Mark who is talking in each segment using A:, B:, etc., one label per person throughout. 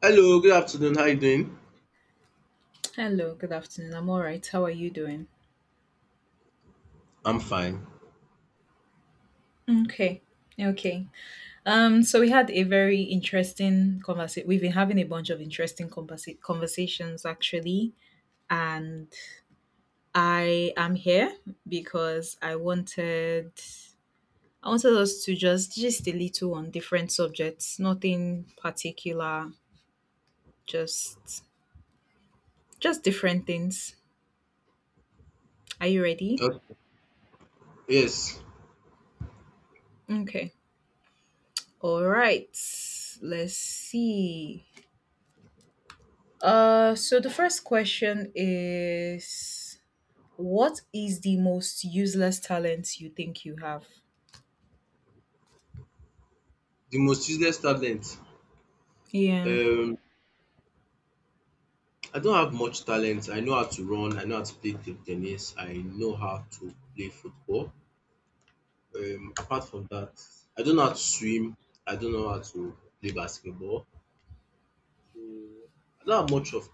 A: Hello, good afternoon. How you doing?
B: Hello, good afternoon. I'm all right. How are you doing?
A: I'm fine.
B: Okay. Okay. So we had a very interesting conversation. We've been having a bunch of interesting conversations actually, and I am here because I wanted us to just a little on different subjects, nothing particular, just just different things. Are you ready?
A: Okay. Yes,
B: Okay. All right. Let's see. So the first question is what is the most useless talent you think you have?
A: the most useless talent.
B: Yeah,
A: Um, I don't have much talent. I know how to run. I know how to play table tennis. I know how to play football. Apart from that, I don't know how to swim. I don't know how to play basketball. So I don't have much of.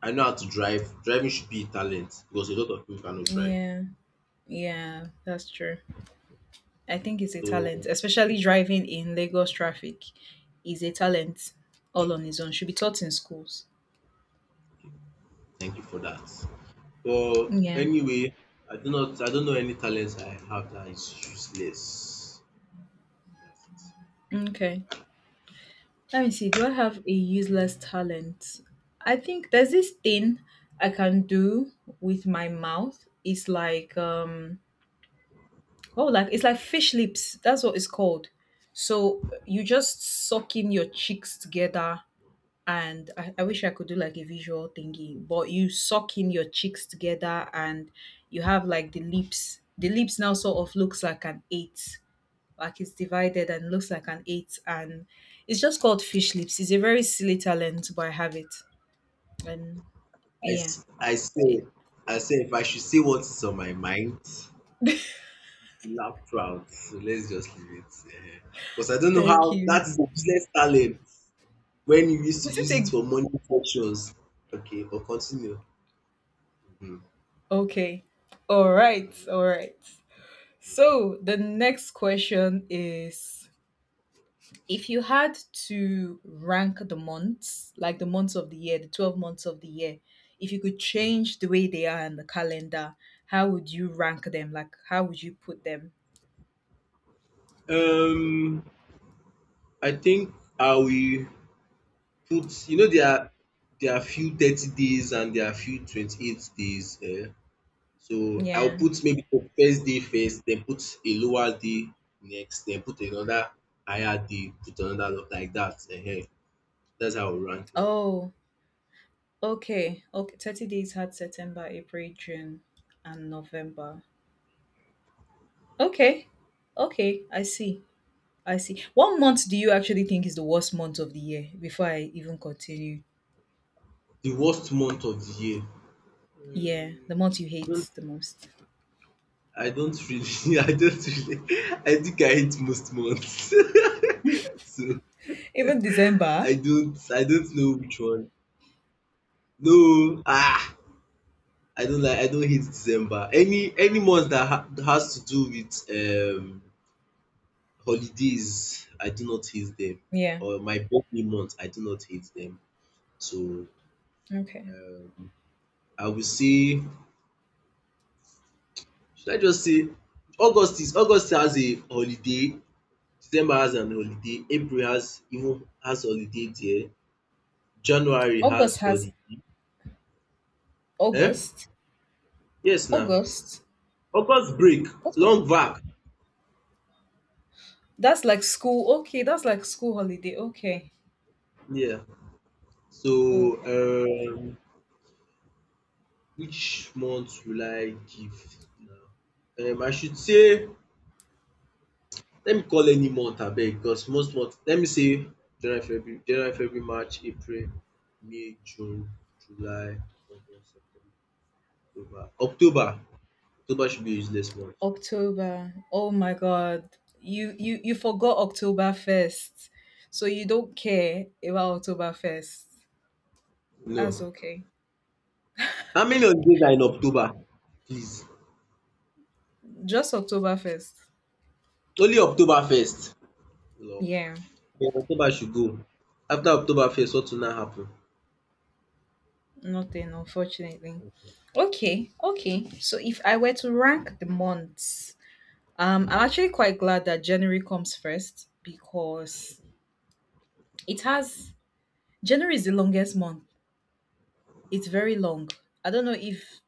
A: I know how to drive. Driving should be a talent because a lot of people cannot drive.
B: yeah, yeah, that's true. I think it's a
A: So
B: talent, especially driving in Lagos traffic is a talent all on its own. Should be taught in schools.
A: thank you for that. But
B: Yeah.
A: anyway, I do not I don't know any talents I have that is useless. That's it.
B: Okay. Let me see. Do I have a useless talent? I think there's this thing I can do with my mouth. It's like oh, like it's like fish lips. That's what it's called. So you just suck in your cheeks together, and I wish I could do like a visual thingy, but you suck in your cheeks together, and you have like the lips. The lips now sort of looks like an eight, like it's divided and looks like an eight, and it's just called fish lips. It's a very silly talent, but I have it, and
A: I,
B: yeah,
A: s- I
B: it.
A: say I say if I should say what is on my mind, laugh proud. So let's just leave it. Eh. Because I don't know
B: Thank
A: how that
B: you.
A: is a useless talent when you used to
B: Is it
A: use it
B: a
A: for money functions. Okay, but continue. Mhm.
B: okay? All right, all right. So the next question is if you had to rank the months, like the months of the year, the 12 months of the year, if you could change the way they are in the calendar, how would you rank them? Like how would you put them?
A: Um, I think I will put. You know, there are few 30 days and there are few 28 days. Eh? So, I'll
B: Yeah.
A: put maybe the first day first, then put a lower day next, then put another higher day, put another lo like that. Ehen. That's how I will rank dem.
B: Oh, okay. Okay. 30 days had September, April, June, and November. Okay. Okay. I see. I see. What month do you actually think is the worst month of the year before I even continue?
A: The worst month of the year?
B: Yeah, the
A: Um,
B: month you
A: don't
B: hate the most.
A: I don't really I don't really I think I hate most months. So,
B: Even December.
A: I don't know which one. No! Ah! I don't hate December. Any month that ha has to do with holidays, I do not hate them,
B: Yeah.
A: or my birthday month, I do not hate them. So,
B: Okay.
A: um, I will say, should I just say August has a holiday, December has an holiday, April has even has holiday there, January has
B: August has
A: holiday. Eh?
B: August.
A: Yes now,
B: August.
A: August break,
B: What?
A: long vac.
B: That's like school. Okay, that's like school holiday. Okay.
A: Yeah. So,
B: Okay.
A: which month will I give now? I should say let me call any month abeg because most month let me say January, February, January, February, March, April, May, June, July, August, September, October. October! October should be a useless month.
B: October. Oh my God. You forgot October 1st, so you don't care about October 1st. That's
A: No.
B: okay.
A: How many holidays are in October? Please.
B: Just October 1st.
A: Only October Octoberfest. Lor!
B: Yeah.
A: Then October should go. After October Octoberfest what will now happen?
B: Nothing, unfortunately. Okay. Okay. So if I were to rank the months. I'm actually quite glad that January comes first because it has January is the longest month. It's very long. I don't know if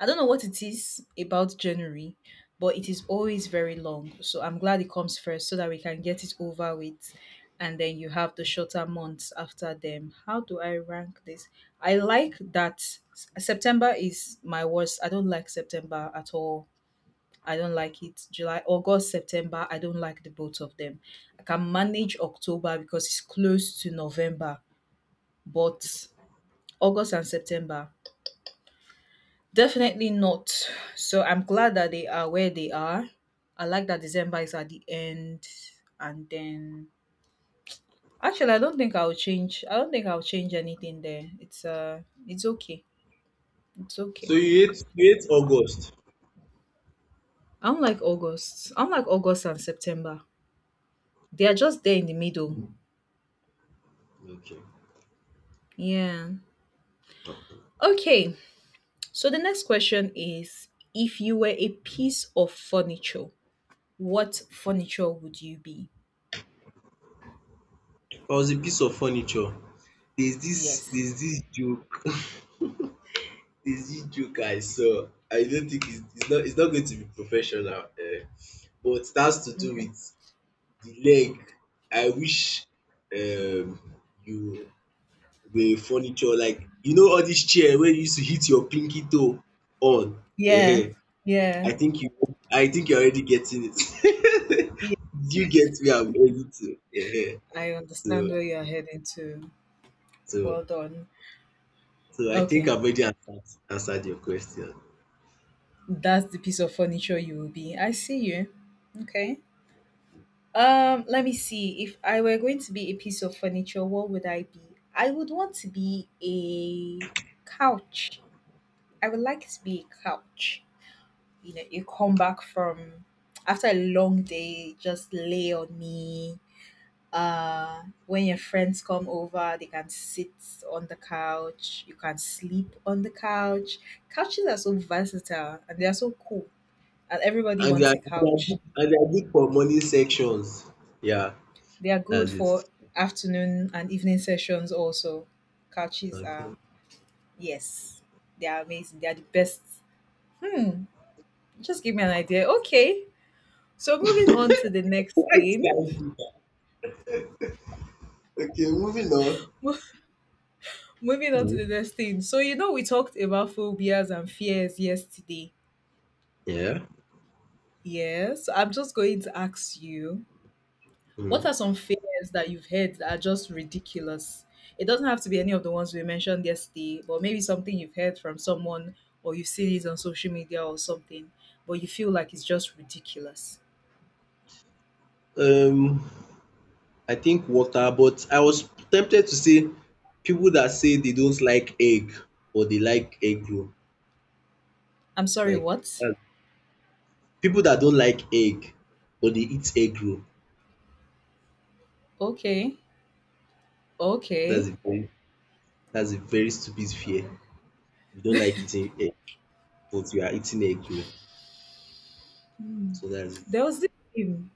B: I don't know what it is about January, but it is always very long. So I'm glad it comes first so that we can get it over with and then you have the shorter months after them. How do I rank this? I like that September is my worst. I don't like September at all. I don't like it. July, August, September, I don't like the both of them. I can manage October because it's close to November, but August and September, definitely not. So I'm glad that they are where they are. I like that December is at the end, and then actually, I don't think I'll change. I don't think I'll change anything there. It's okay. It's
A: So
B: okay.
A: you hate August?
B: I'm like August. I'm like August and September. They are just there in the middle.
A: Okay.
B: Yeah.
A: I
B: Okay. So the next question is if you were a piece of furniture, what furniture would you be?
A: was a piece of furniture.
B: Yes.
A: There's this joke. Is it joke I saw. I don't think it's not it's not going to be professional, but it has to do
B: Okay.
A: with the leg. I wish, um you were furniture like, you know, all this chair wey you used to hit your pinky toe on.
B: Yeah.
A: um
B: Yeah.
A: I think you I think you're already getting it.
B: Yeah.
A: Do you get where I'm heading to?
B: I understand
A: So
B: where you are heading to.
A: so
B: Well done.
A: so I think
B: Okay.
A: I've already answered answered your question.
B: That's the piece of furniture you will be. I see you. Okay. Let me see. If I were going to be a piece of furniture, what would I be? I would want to be a couch. I would like to be a couch. You know, you come back from after a long day, just lay on me. When your friends come over, they can sit on the couch. You can sleep on the couch. Couches are so versatile and they are so cool. And everybody
A: And
B: wants a
A: they are
B: couch.
A: good and they are good for morning sections. Yeah.
B: They are
A: That's
B: good
A: it.
B: for afternoon and evening sessions also. Couches are,
A: Okay.
B: yes, they are amazing. They are the best. Hmm, just give me an idea. Okay. So moving on to the next
A: Why did
B: thing.
A: I do that? Okay, moving on.
B: Moving on to the
A: Mm.
B: next thing. So, you know, we talked about phobias and fears yesterday.
A: Yeah.
B: Yes. So I'm just going to ask you what
A: Mm.
B: are some fears that you've heard that are just ridiculous? It doesn't have to be any of the ones we mentioned yesterday, but maybe something you've heard from someone or you've seen it on social media or something, but you feel like it's just ridiculous.
A: Um, I think water, but I was tempted to say people that say they don't like egg, but they like egg roll.
B: I'm sorry,
A: Like,
B: what?
A: uh, people that don't like egg, but they eat egg roll.
B: Okay. Okay.
A: That's a very that's a very stupid fear. You don't like eating egg, but you are eating egg roll.
B: Hmm.
A: So that's it.
B: There was this. thing.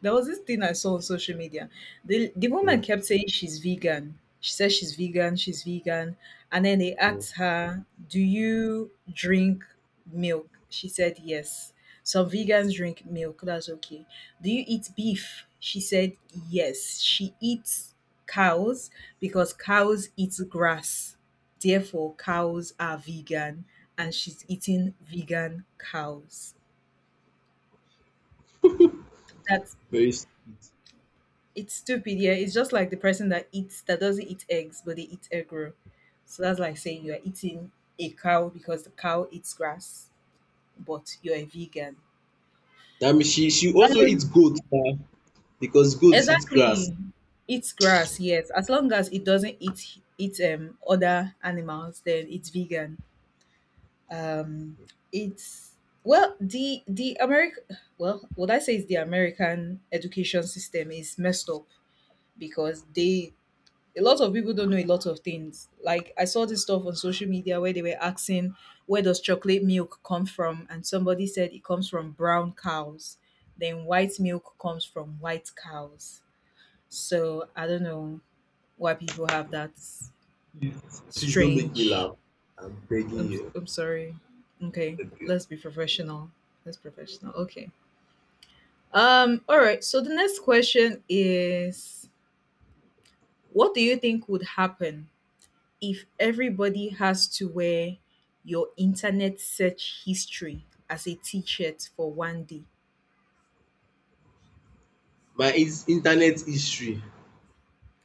B: There was this thing I saw on social media. The
A: Mm,
B: woman kept saying she's vegan. She said she's vegan. And then they
A: mm.
B: asked her, do you drink milk? She said yes. Some vegans drink milk, that's okay. Do you eat beef? She said yes. She eats cows because cows eat grass. Therefore, cows are vegan and she's eating vegan cows. That's
A: Very stupid.
B: it's stupid, yeah. It's just like the person that eats that doesn't eat eggs, but they eat egg roll. So that's like saying you are eating a cow because the cow eats grass, but you're a vegan.
A: That means she also
B: Um,
A: eats goat. Because goats eat grass.
B: exactly. Eats grass, yes. As long as it doesn't eat other animals, then it's vegan. Um, it's well the American, well what I say is the American education system is messed up because they, a lot of people don't know a lot of things. Like I saw this stuff on social media where they were asking where does chocolate milk come from and somebody said it comes from brown cows. Then white milk comes from white cows. So I don't know why people have that
A: Please, please don't make me
B: strange,
A: laugh. I'm begging
B: I'm
A: you.
B: I'm sorry. Okay,
A: Okay.
B: let's be professional. Let's professional. Okay. So the next question is what do you think would happen if everybody has to wear your internet search history as a t-shirt for one day?
A: My is internet history.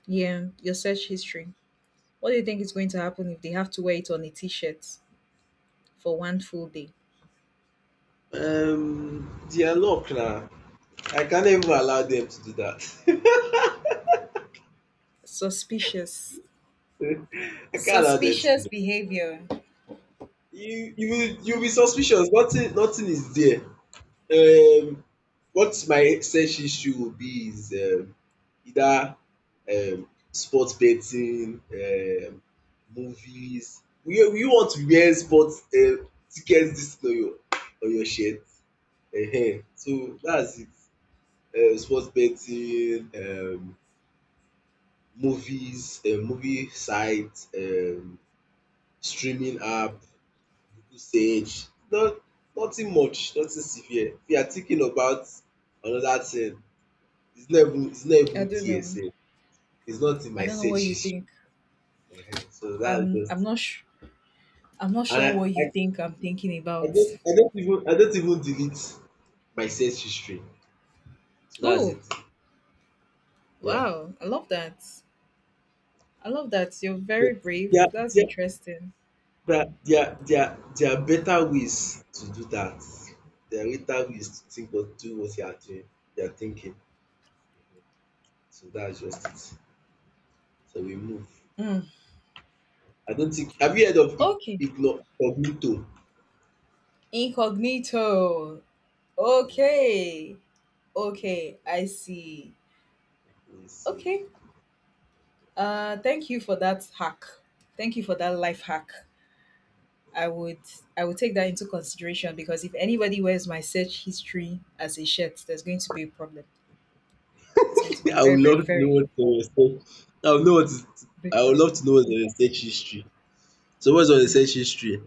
B: Yeah, your search history, what do you think is going to happen if they have to wear it on a t-shirt for one full day?
A: Their luck now. I can't even allow them to do that.
B: Suspicious,
A: I can't allow them to do
B: suspicious
A: that.
B: behavior.
A: You will
B: Hmm,
A: be suspicious. Nothing is there. Um, what my search history will be is either sports betting, movies. You want to wear sport, ticket dis thing on your shirt, so dats it. Sport betting, movies, movie site, streaming app, Google search, no, nothing much, nothing severe. If you are thinking about another thing, it's not
B: I
A: even
B: don't know,
A: there sef, it's not in
B: I
A: my
B: don't know
A: search
B: what you
A: history,
B: think,
A: so dats
B: i'm
A: just.
B: i'm not sure, I'm not
A: And
B: sure what you think I'm thinking about.
A: I don't even delete my sales history. So that's it.
B: Oh
A: Yeah.
B: wow, I love that, I love that you're
A: But
B: very brave,
A: There
B: that's
A: there
B: interesting.
A: there are better ways to do that. There are better ways to think what do what you are doing, you are thinking. So that's just it. So we move.
B: Hmm.
A: I don't think, have you heard of
B: Okay.
A: incognito?
B: Incognito.
A: Um
B: Okay. Okay, I see.
A: let me see.
B: Okay. Thank you for that hack. Thank you for that life hack. I would I would take that into consideration because if anybody wears my search history as a shirt, there's going to be a problem. There's going to be
A: I
B: very,
A: would
B: very,
A: love to know
B: very
A: what is on your I would know what is
B: big
A: I would love
B: problem.
A: to know what's on your search history. So what's on your
B: Mm.
A: search history?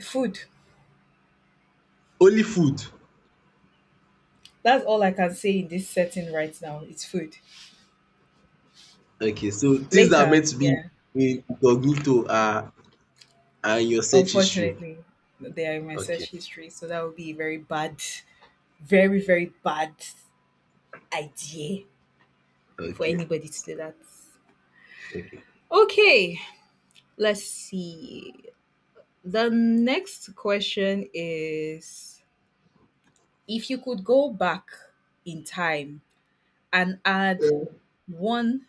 B: Food.
A: Only food.
B: That's all I can say in this setting right now. It's food.
A: Okay, so things that are
B: Later,
A: meant to be
B: yeah.
A: in incognito are in your search history.
B: Unfortunately, they are in my
A: Okay,
B: search history, so that would be very bad, very, very bad idea for
A: okay,
B: anybody to do that.
A: okay.
B: Okay, let's see. The next question is if you could go back in time and add
A: Yeah.
B: one.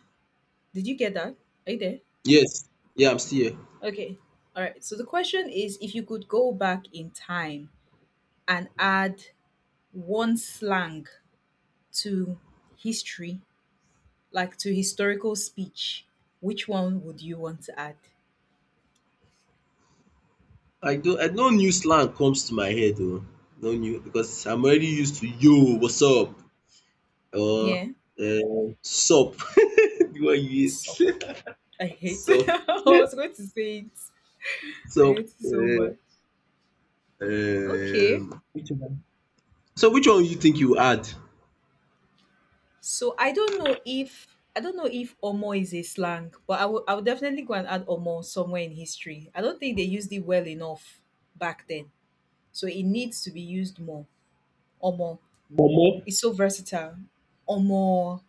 B: Did you get that? Are you there?
A: Yes, yeah, I'm still here.
B: Okay. All right. So the question is if you could go back in time and add one slang to history, like to historical speech, which one would you want to add?
A: I don't, I no new slang comes to my head oh, no new because I'm already used to yo, what's up, or
B: Yeah.
A: sup, the one you
B: Sup.
A: hate,
B: I hate it.
A: sup,
B: I was going to say it. I
A: sup.
B: hate it so
A: um
B: much. Okay.
A: um, so which one you think you add?
B: So I don't know if Omo is a slang, but I would definitely go and add Omo somewhere in history. I don't think they used it well enough back then. So it needs to be used more. Omo.
A: Omo.
B: It's so versatile. Omo.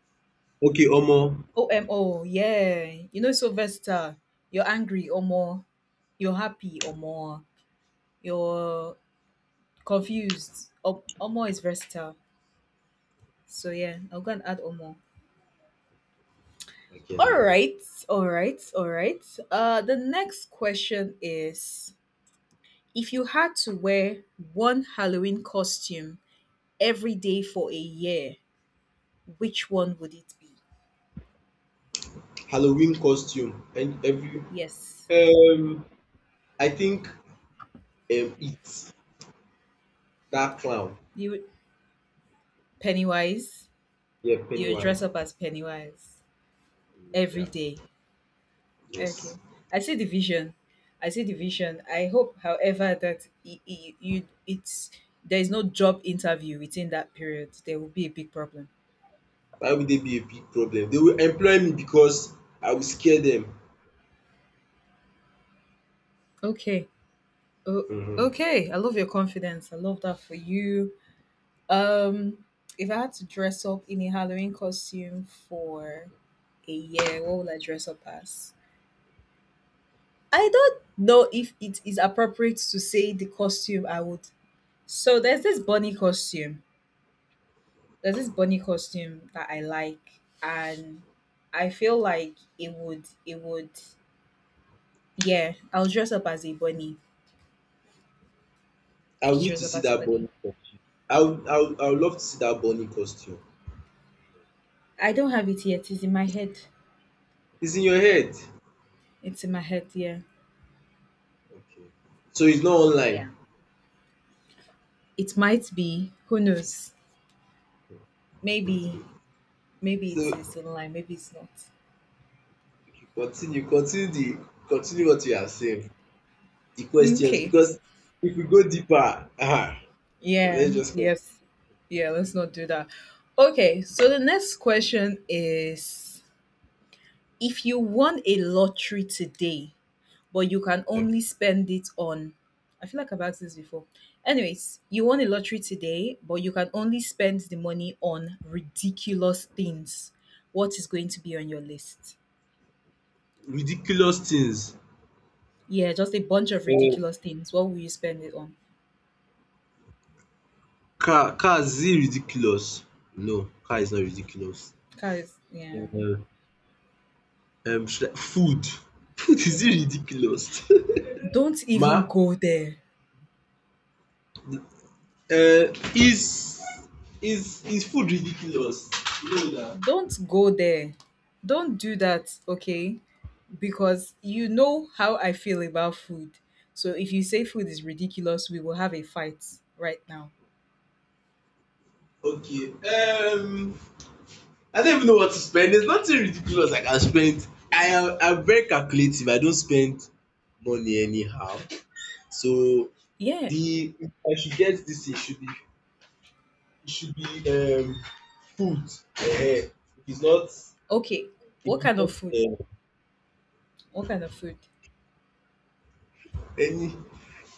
A: Okay, omo.
B: O M O. Yeah. You know it's so versatile. You're angry, Omo. You're happy, Omo. You're confused. Omo is versatile. So yeah, I'll go and add Omo.
A: Okay,
B: All
A: now.
B: right, all right. The next question is: if you had to wear one Halloween costume every day for a year, which one would it be?
A: Halloween costume and every.
B: Yes,
A: Um, I think, it's that clown.
B: you would Pennywise.
A: Yeah,
B: You would dress
A: Pennywise.
B: up as Pennywise
A: Mm,
B: every
A: yeah,
B: day. Okay,
A: yes.
B: I see the vision. I see the vision. I hope, however, that you it's there is no job interview within that period. There will be a big problem.
A: Why would they be a big problem? They will employ me because I will scare them.
B: Okay. Oh,
A: Hmm.
B: okay. I love your confidence. I love that for you. Um, if I had to dress up in a Halloween costume for a year, what would I dress up as? I don't know if it is appropriate to say the costume I would. So there's this bunny costume. There's this bunny costume that I like, and I feel like It would. Yeah, I'll dress up as a bunny.
A: I will
B: Just
A: need
B: dress
A: to
B: up
A: see
B: as a
A: that
B: bunny.
A: bunny costume. I would love to see that bunny costume.
B: I don't have it yet. It's in my head.
A: It's in your head.
B: It's in my head, yeah.
A: Okay. So it's not
B: Yeah.
A: online.
B: It might be. Who knows? Maybe. Maybe it is
A: So
B: online. Maybe it's not.
A: continue, continue the, continue what you are saying. The questions
B: Okay.
A: because if we go deeper, ah, so
B: Yeah.
A: let's just go.
B: Yes. Yeah. Let's not do that. Okay. So the next question is: If you won a lottery today, but you can
A: Like,
B: only spend it on, I feel like I've asked this before. Anyways, you won a lottery today, but you can only spend the money on ridiculous things. What is going to be on your list?
A: ridiculous things.
B: Yeah, just a bunch of ridiculous things. What will you spend it on?
A: Car is it ridiculous? No, car is not ridiculous.
B: Guys, yeah.
A: Uh, should I. Food, food is it ridiculous?
B: Don't even
A: Ma,
B: go there.
A: uh, is is food ridiculous? No na.
B: Don't go there. Don't do that, okay? Because you know how I feel about food. So if you say food is ridiculous, we will have a fight right now.
A: Okay, I don't even know what to spend. There's nothing ridiculous I can spend. I'm very calculative. I don't spend money anyhow. So
B: Yeah.
A: the I should get this, thing, should be, it should be, food. Eh, it's not,
B: Okay.
A: if
B: What
A: it's
B: kind of food?
A: not,
B: What kind of food?
A: any,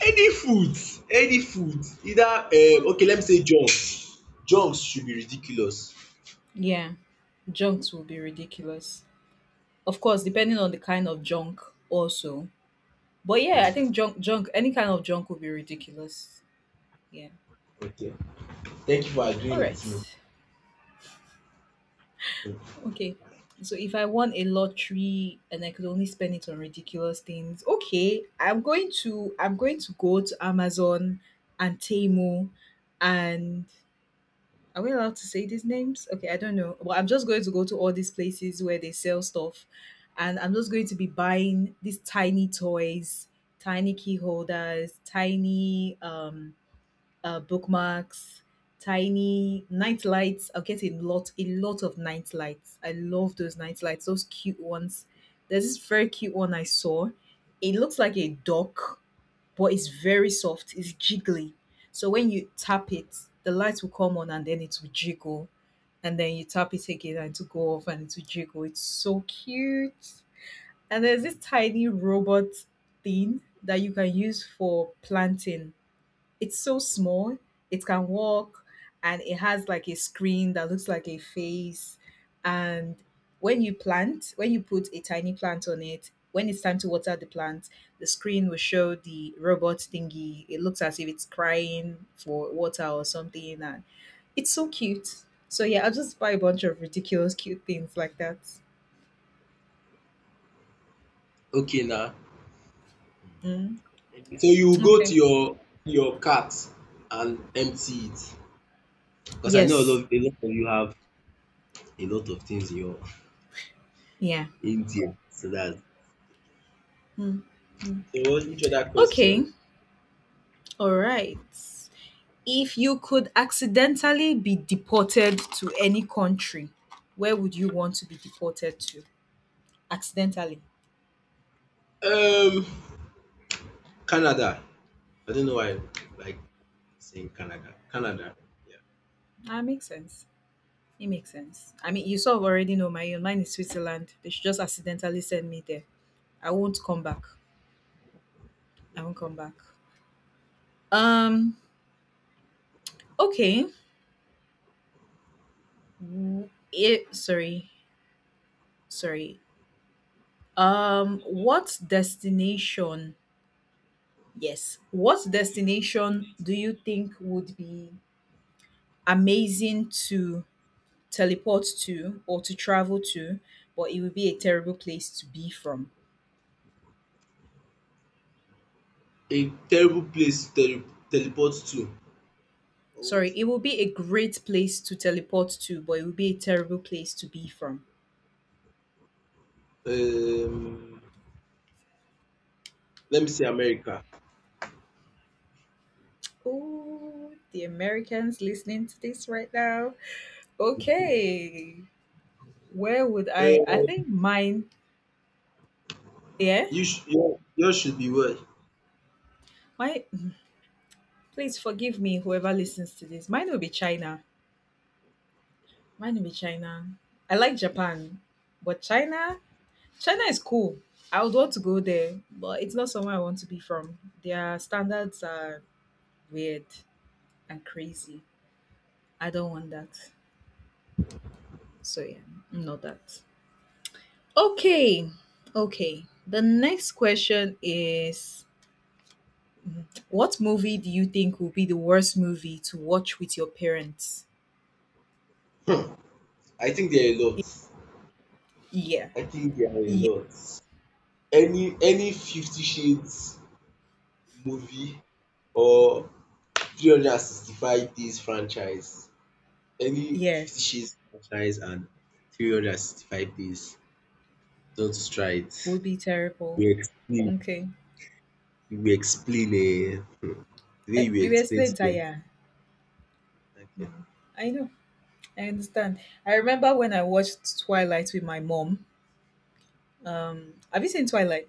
A: any food, any food, either,
B: Hmm.
A: okay, let me say junks. Junks should be ridiculous.
B: Yeah. Junks will be ridiculous. Of course, depending on the kind of junk also. But yeah, I think junk, junk, any kind of junk would be ridiculous. Yeah.
A: Okay, thank you for
B: All
A: agreeing with me.
B: right.
A: Mm.
B: Okay. So if I won a lottery and I could only spend it on ridiculous things, okay, I'm going to go to Amazon and Temu and are we allowed to say these names? Okay, I don't know. Well, I'm just going to go to all these places where they sell stuff and I'm just going to be buying these tiny toys, tiny key holders, tiny bookmarks, tiny night lights. I'll get a lot of night lights. I love those night lights, those cute ones. There's this very cute one I saw. It looks like a duck, but it's very soft. It's jiggly. So when you tap it, the lights will come on and then it will jiggle. And then you tap it again and it will go off and it will jiggle. It's so cute. And there's this tiny robot thing that you can use for planting, it's so small. It can walk and it has like a screen that looks like a face. And when you plant, when you put a tiny plant on it, when it's time to water the plant, the screen will show the robot thingy. It looks as if it's crying for water or something. And it's so cute. So yeah, I'll just buy a bunch of ridiculous cute things like that.
A: Okay, now,
B: Mm,
A: so you go
B: okay.
A: to your cart and empty it because I know
B: Yes.
A: a lot of you have a lot of things in your
B: Yeah.
A: in there. So that,
B: Mm, mm.
A: so what which other question?
B: Okay. All right. If you could accidentally be deported to any country, where would you want to be deported to? Accidentally.
A: Um Canada. I don't know why I like saying Canada. Canada. Yeah.
B: That makes sense. It makes sense. I mean, you sort of already know my own. Mine is Switzerland. They should just accidentally send me there. I won't come back. I won't
A: Okay.
B: come back. Um. Okay. W- It, sorry. Sorry. What destination? Yes. What destination do you think would be amazing to teleport to or to travel to, but it would be a terrible place to be from.
A: A terrible place to teleport to or
B: Sorry,
A: what?
B: it would be a great place to teleport to, but it would be a terrible place to be from.
A: Um, let me say America.
B: Oh, the Americans listening to this right now. Okay, where would I? I
A: Um,
B: think mine, yeah.
A: your, yours should be well.
B: My, please forgive me, whoever listens to this. Mine will be China. Mine will be China. I like Japan, but China, China is cool. I would want to go there, but it's not somewhere I want to be from. Their standards are weird and crazy. I don't want that. So yeah, not that. Okay. Okay. The next question is, what movie do you think will be the worst movie to watch with your parents?
A: I think there are a lot.
B: Yeah.
A: I think there are a
B: Yeah.
A: lot. Any Fifty Shades movie or 365 Days franchise. Any
B: Yeah.
A: Fifty Shades franchise and 365 Days. That's right.
B: Would be terrible.
A: You explain,
B: Okay.
A: you explain, eh, the
B: Eh,
A: way you
B: you
A: explain to
B: explained,
A: them.
B: Taya.
A: Okay.
B: Mm. I know. I understand. I remember when I watched Twilight with my mom. Have you seen Twilight?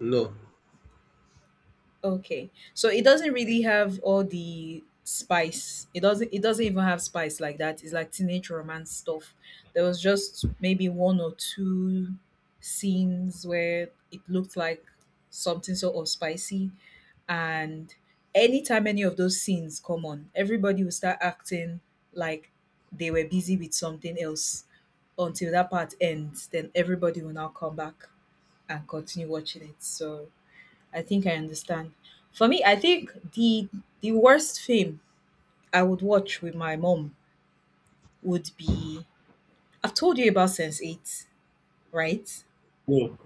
A: No,
B: Okay, so it doesn't really have all the spice. It doesn't. It doesn't even have spice like that. It's like teenage romance stuff. There was just maybe one or two scenes where it looked like something sort of spicy, and anytime any of those scenes come on, everybody will start acting like they were busy with something else until that part ends. Then everybody will now come back and continue watching it. So I think I understand. For me, I think the worst film I would watch with my mom would be, I've told you about Sense 8, right?
A: no,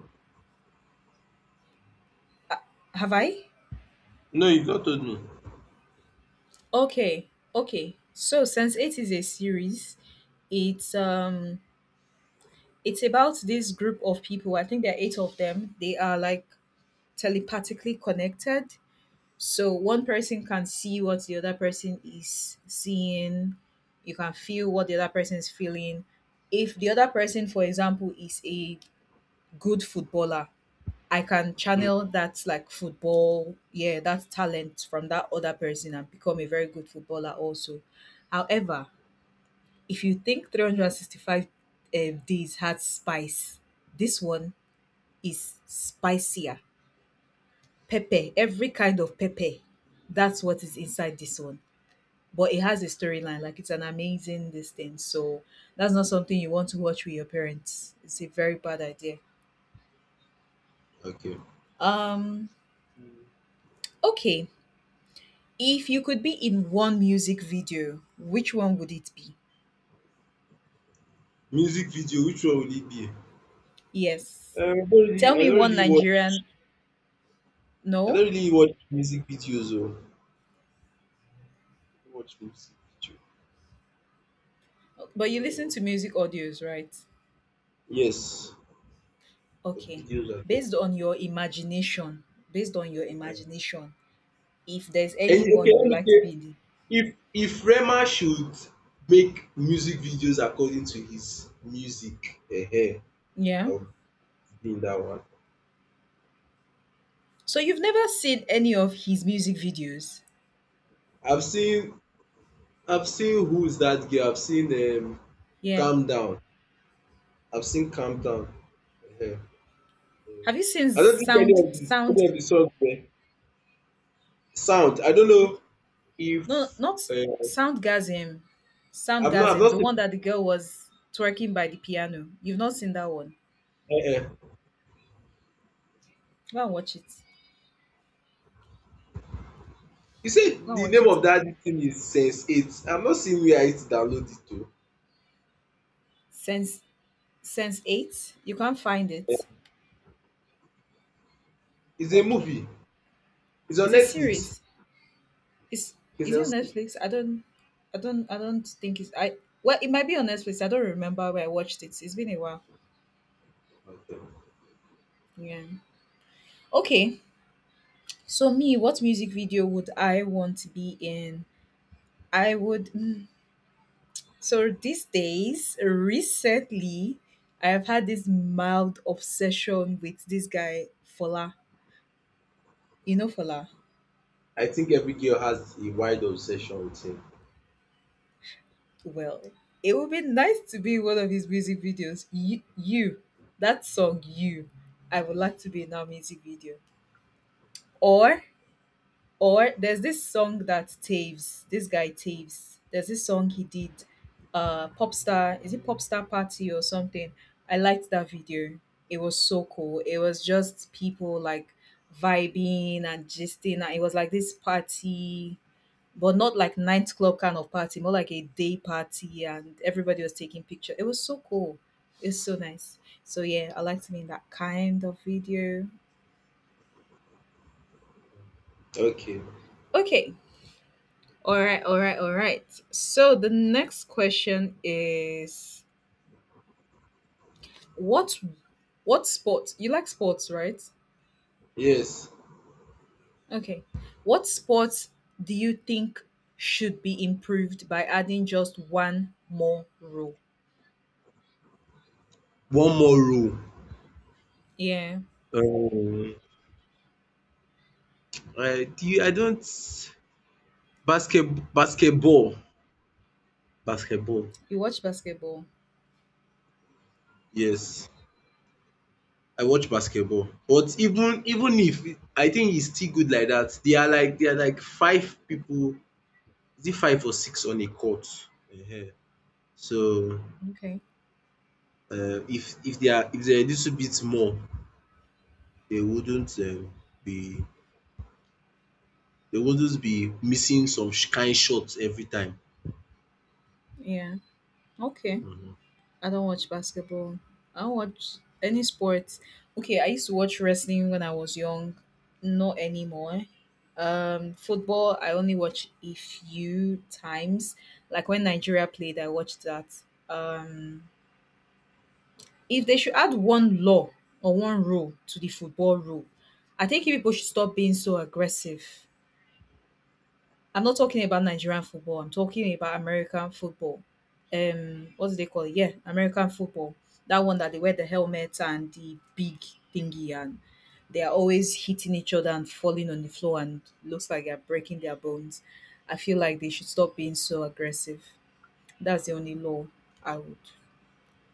B: Have I?
A: no, you've not told me.
B: Okay. Okay. So Sense 8 is a series. It's um it's about this group of people. I think there are eight of them. They are like telepathically connected. So one person can see what the other person is seeing. You can feel what the other person is feeling. If the other person, for example, is a good footballer, I can
A: Mm.
B: channel that, like football, yeah, that talent from that other person and become a very good footballer also. However, if you think 365 days had spice, this one is spicier. Pepper, every kind of pepper. That's what is inside this one. But it has a storyline. Like, it's an amazing this thing. So that's not something you want to watch with your parents. It's a very bad idea.
A: Okay.
B: Um okay. If you could be in one music video, which one would it be?
A: Music video, which one will it be?
B: Yes.
A: Uh, I don't
B: Tell
A: really, I
B: me
A: don't
B: one
A: really watch,
B: Nigerian,
A: I
B: no?
A: don't really watch music videos though. I don't watch music video.
B: But you listen
A: So,
B: to music audios, right?
A: yes, the
B: Okay.
A: videos are good.
B: Based on your imagination, based on your
A: Uh,
B: imagination, if there's
A: And okay,
B: anyone you
A: let me
B: like to
A: say,
B: be in the,
A: if Rema should make music videos according to his music,
B: yeah.
A: I would seen that one.
B: So you've never seen any of his music videos?
A: I've seen I've seen Who's That Girl? I've seen,
B: Yeah.
A: Calm Down. I've seen Calm Down. Ehen. So,
B: Have you seen
A: I don't think
B: Sound Sound?
A: any of the songs there. Sound. I don't know
B: No,
A: if,
B: not
A: uh,
B: Soundgasm.
A: I've
B: Soundgasm, the one
A: not
B: that the girl was twerking by the piano. You've not seen that one.
A: seen.
B: Go and watch it.
A: You
B: Go
A: said
B: and
A: the
B: watch
A: name
B: it.
A: of that thing is Sense Eight. I've not seen where I download it to.
B: Sense Sense Eight. You can't find
A: Uh,
B: it.
A: It's a
B: Okay,
A: movie. It's
B: it's
A: on
B: a
A: Netflix.
B: series. It's,
A: It's
B: is it on
A: on.
B: Netflix? I don't think it's. I well, it might be on Netflix. I don't remember where I watched it. It's been a while.
A: Okay.
B: Yeah. Okay. So me, what music video would I want to be in? I would. So these days, recently, I have had this mild obsession with this guy Fola. You know Fola?
A: I think every girl has a wide obsession with him.
B: Well, it would be nice to be in one of his music videos. You, that song, you. I would like to be in our music video. Or Or there's this song that Taves, this guy Taves, there's this song he did, Popstar, is it Popstar Party or something? I liked that video. It was so cool. It was just people like vibing and gisting. And it was like this party, but not like nightclub kind of party, more like a day party, and everybody was taking pictures. It was so cool. It's so nice. So yeah, I like to be in that kind of video.
A: Okay.
B: Okay, all right, all right, all right. So the next question is, what what sport, you like sports, right?
A: Yes.
B: Okay. What sports do you think should be improved by adding just one more rule?
A: One more rule,
B: Yeah.
A: um I don't basket basketball basketball,
B: You watch basketball.
A: yes. I watch basketball, but even if it. I think it's still good like that. They are like, five people. Is it five or six on a court? um so,
B: Okay.
A: if they are a little bit more, they wouldn't, be they wouldn't be missing some kind shots every time.
B: Yeah. Okay. I don't watch basketball. I don't watch any sports. Okay, I used to watch wrestling when I was young. Not anymore. Football, I only watch a few times. Like when Nigeria played, I watched that. Um, if they should add one law or one rule to the football rule, I think people should stop being so aggressive. I'm not talking about Nigerian football. I'm talking about American football. What do they call it? Yeah, American football. That one that they wear the helmet and the big thingy, and they are always hitting each other and falling on the floor, and looks like they're breaking their bones. I feel like they should stop being so aggressive. That's the only law I would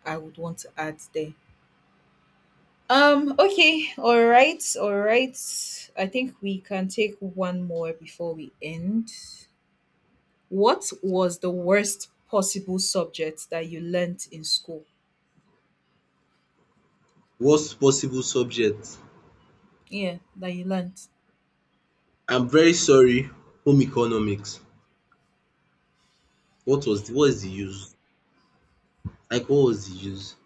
B: I would want to add there. Okay. All right. All right. I think we can take one more before we end. What was the worst possible subject that you learnt in school?
A: Worst possible subject.
B: Yeah, that you learnt.
A: I'm very sorry, home economics. What was the, what's the use? Like, what was the use?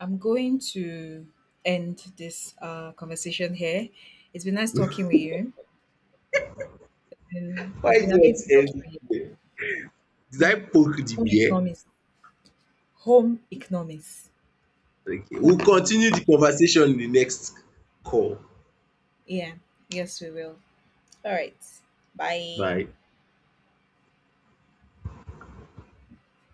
B: I'm going to end this conversation here. It's been nice talking with you.
A: Why
B: It's
A: is
B: been
A: it
B: amazing talking
A: end
B: with you.
A: here? Did I poke the
B: Home
A: bear?
B: economics. Home economics.
A: Okay,
B: Home
A: we'll continue
B: economics.
A: the conversation in the next call.
B: Yeah. Yes, we will. All right. Bye.
A: Bye.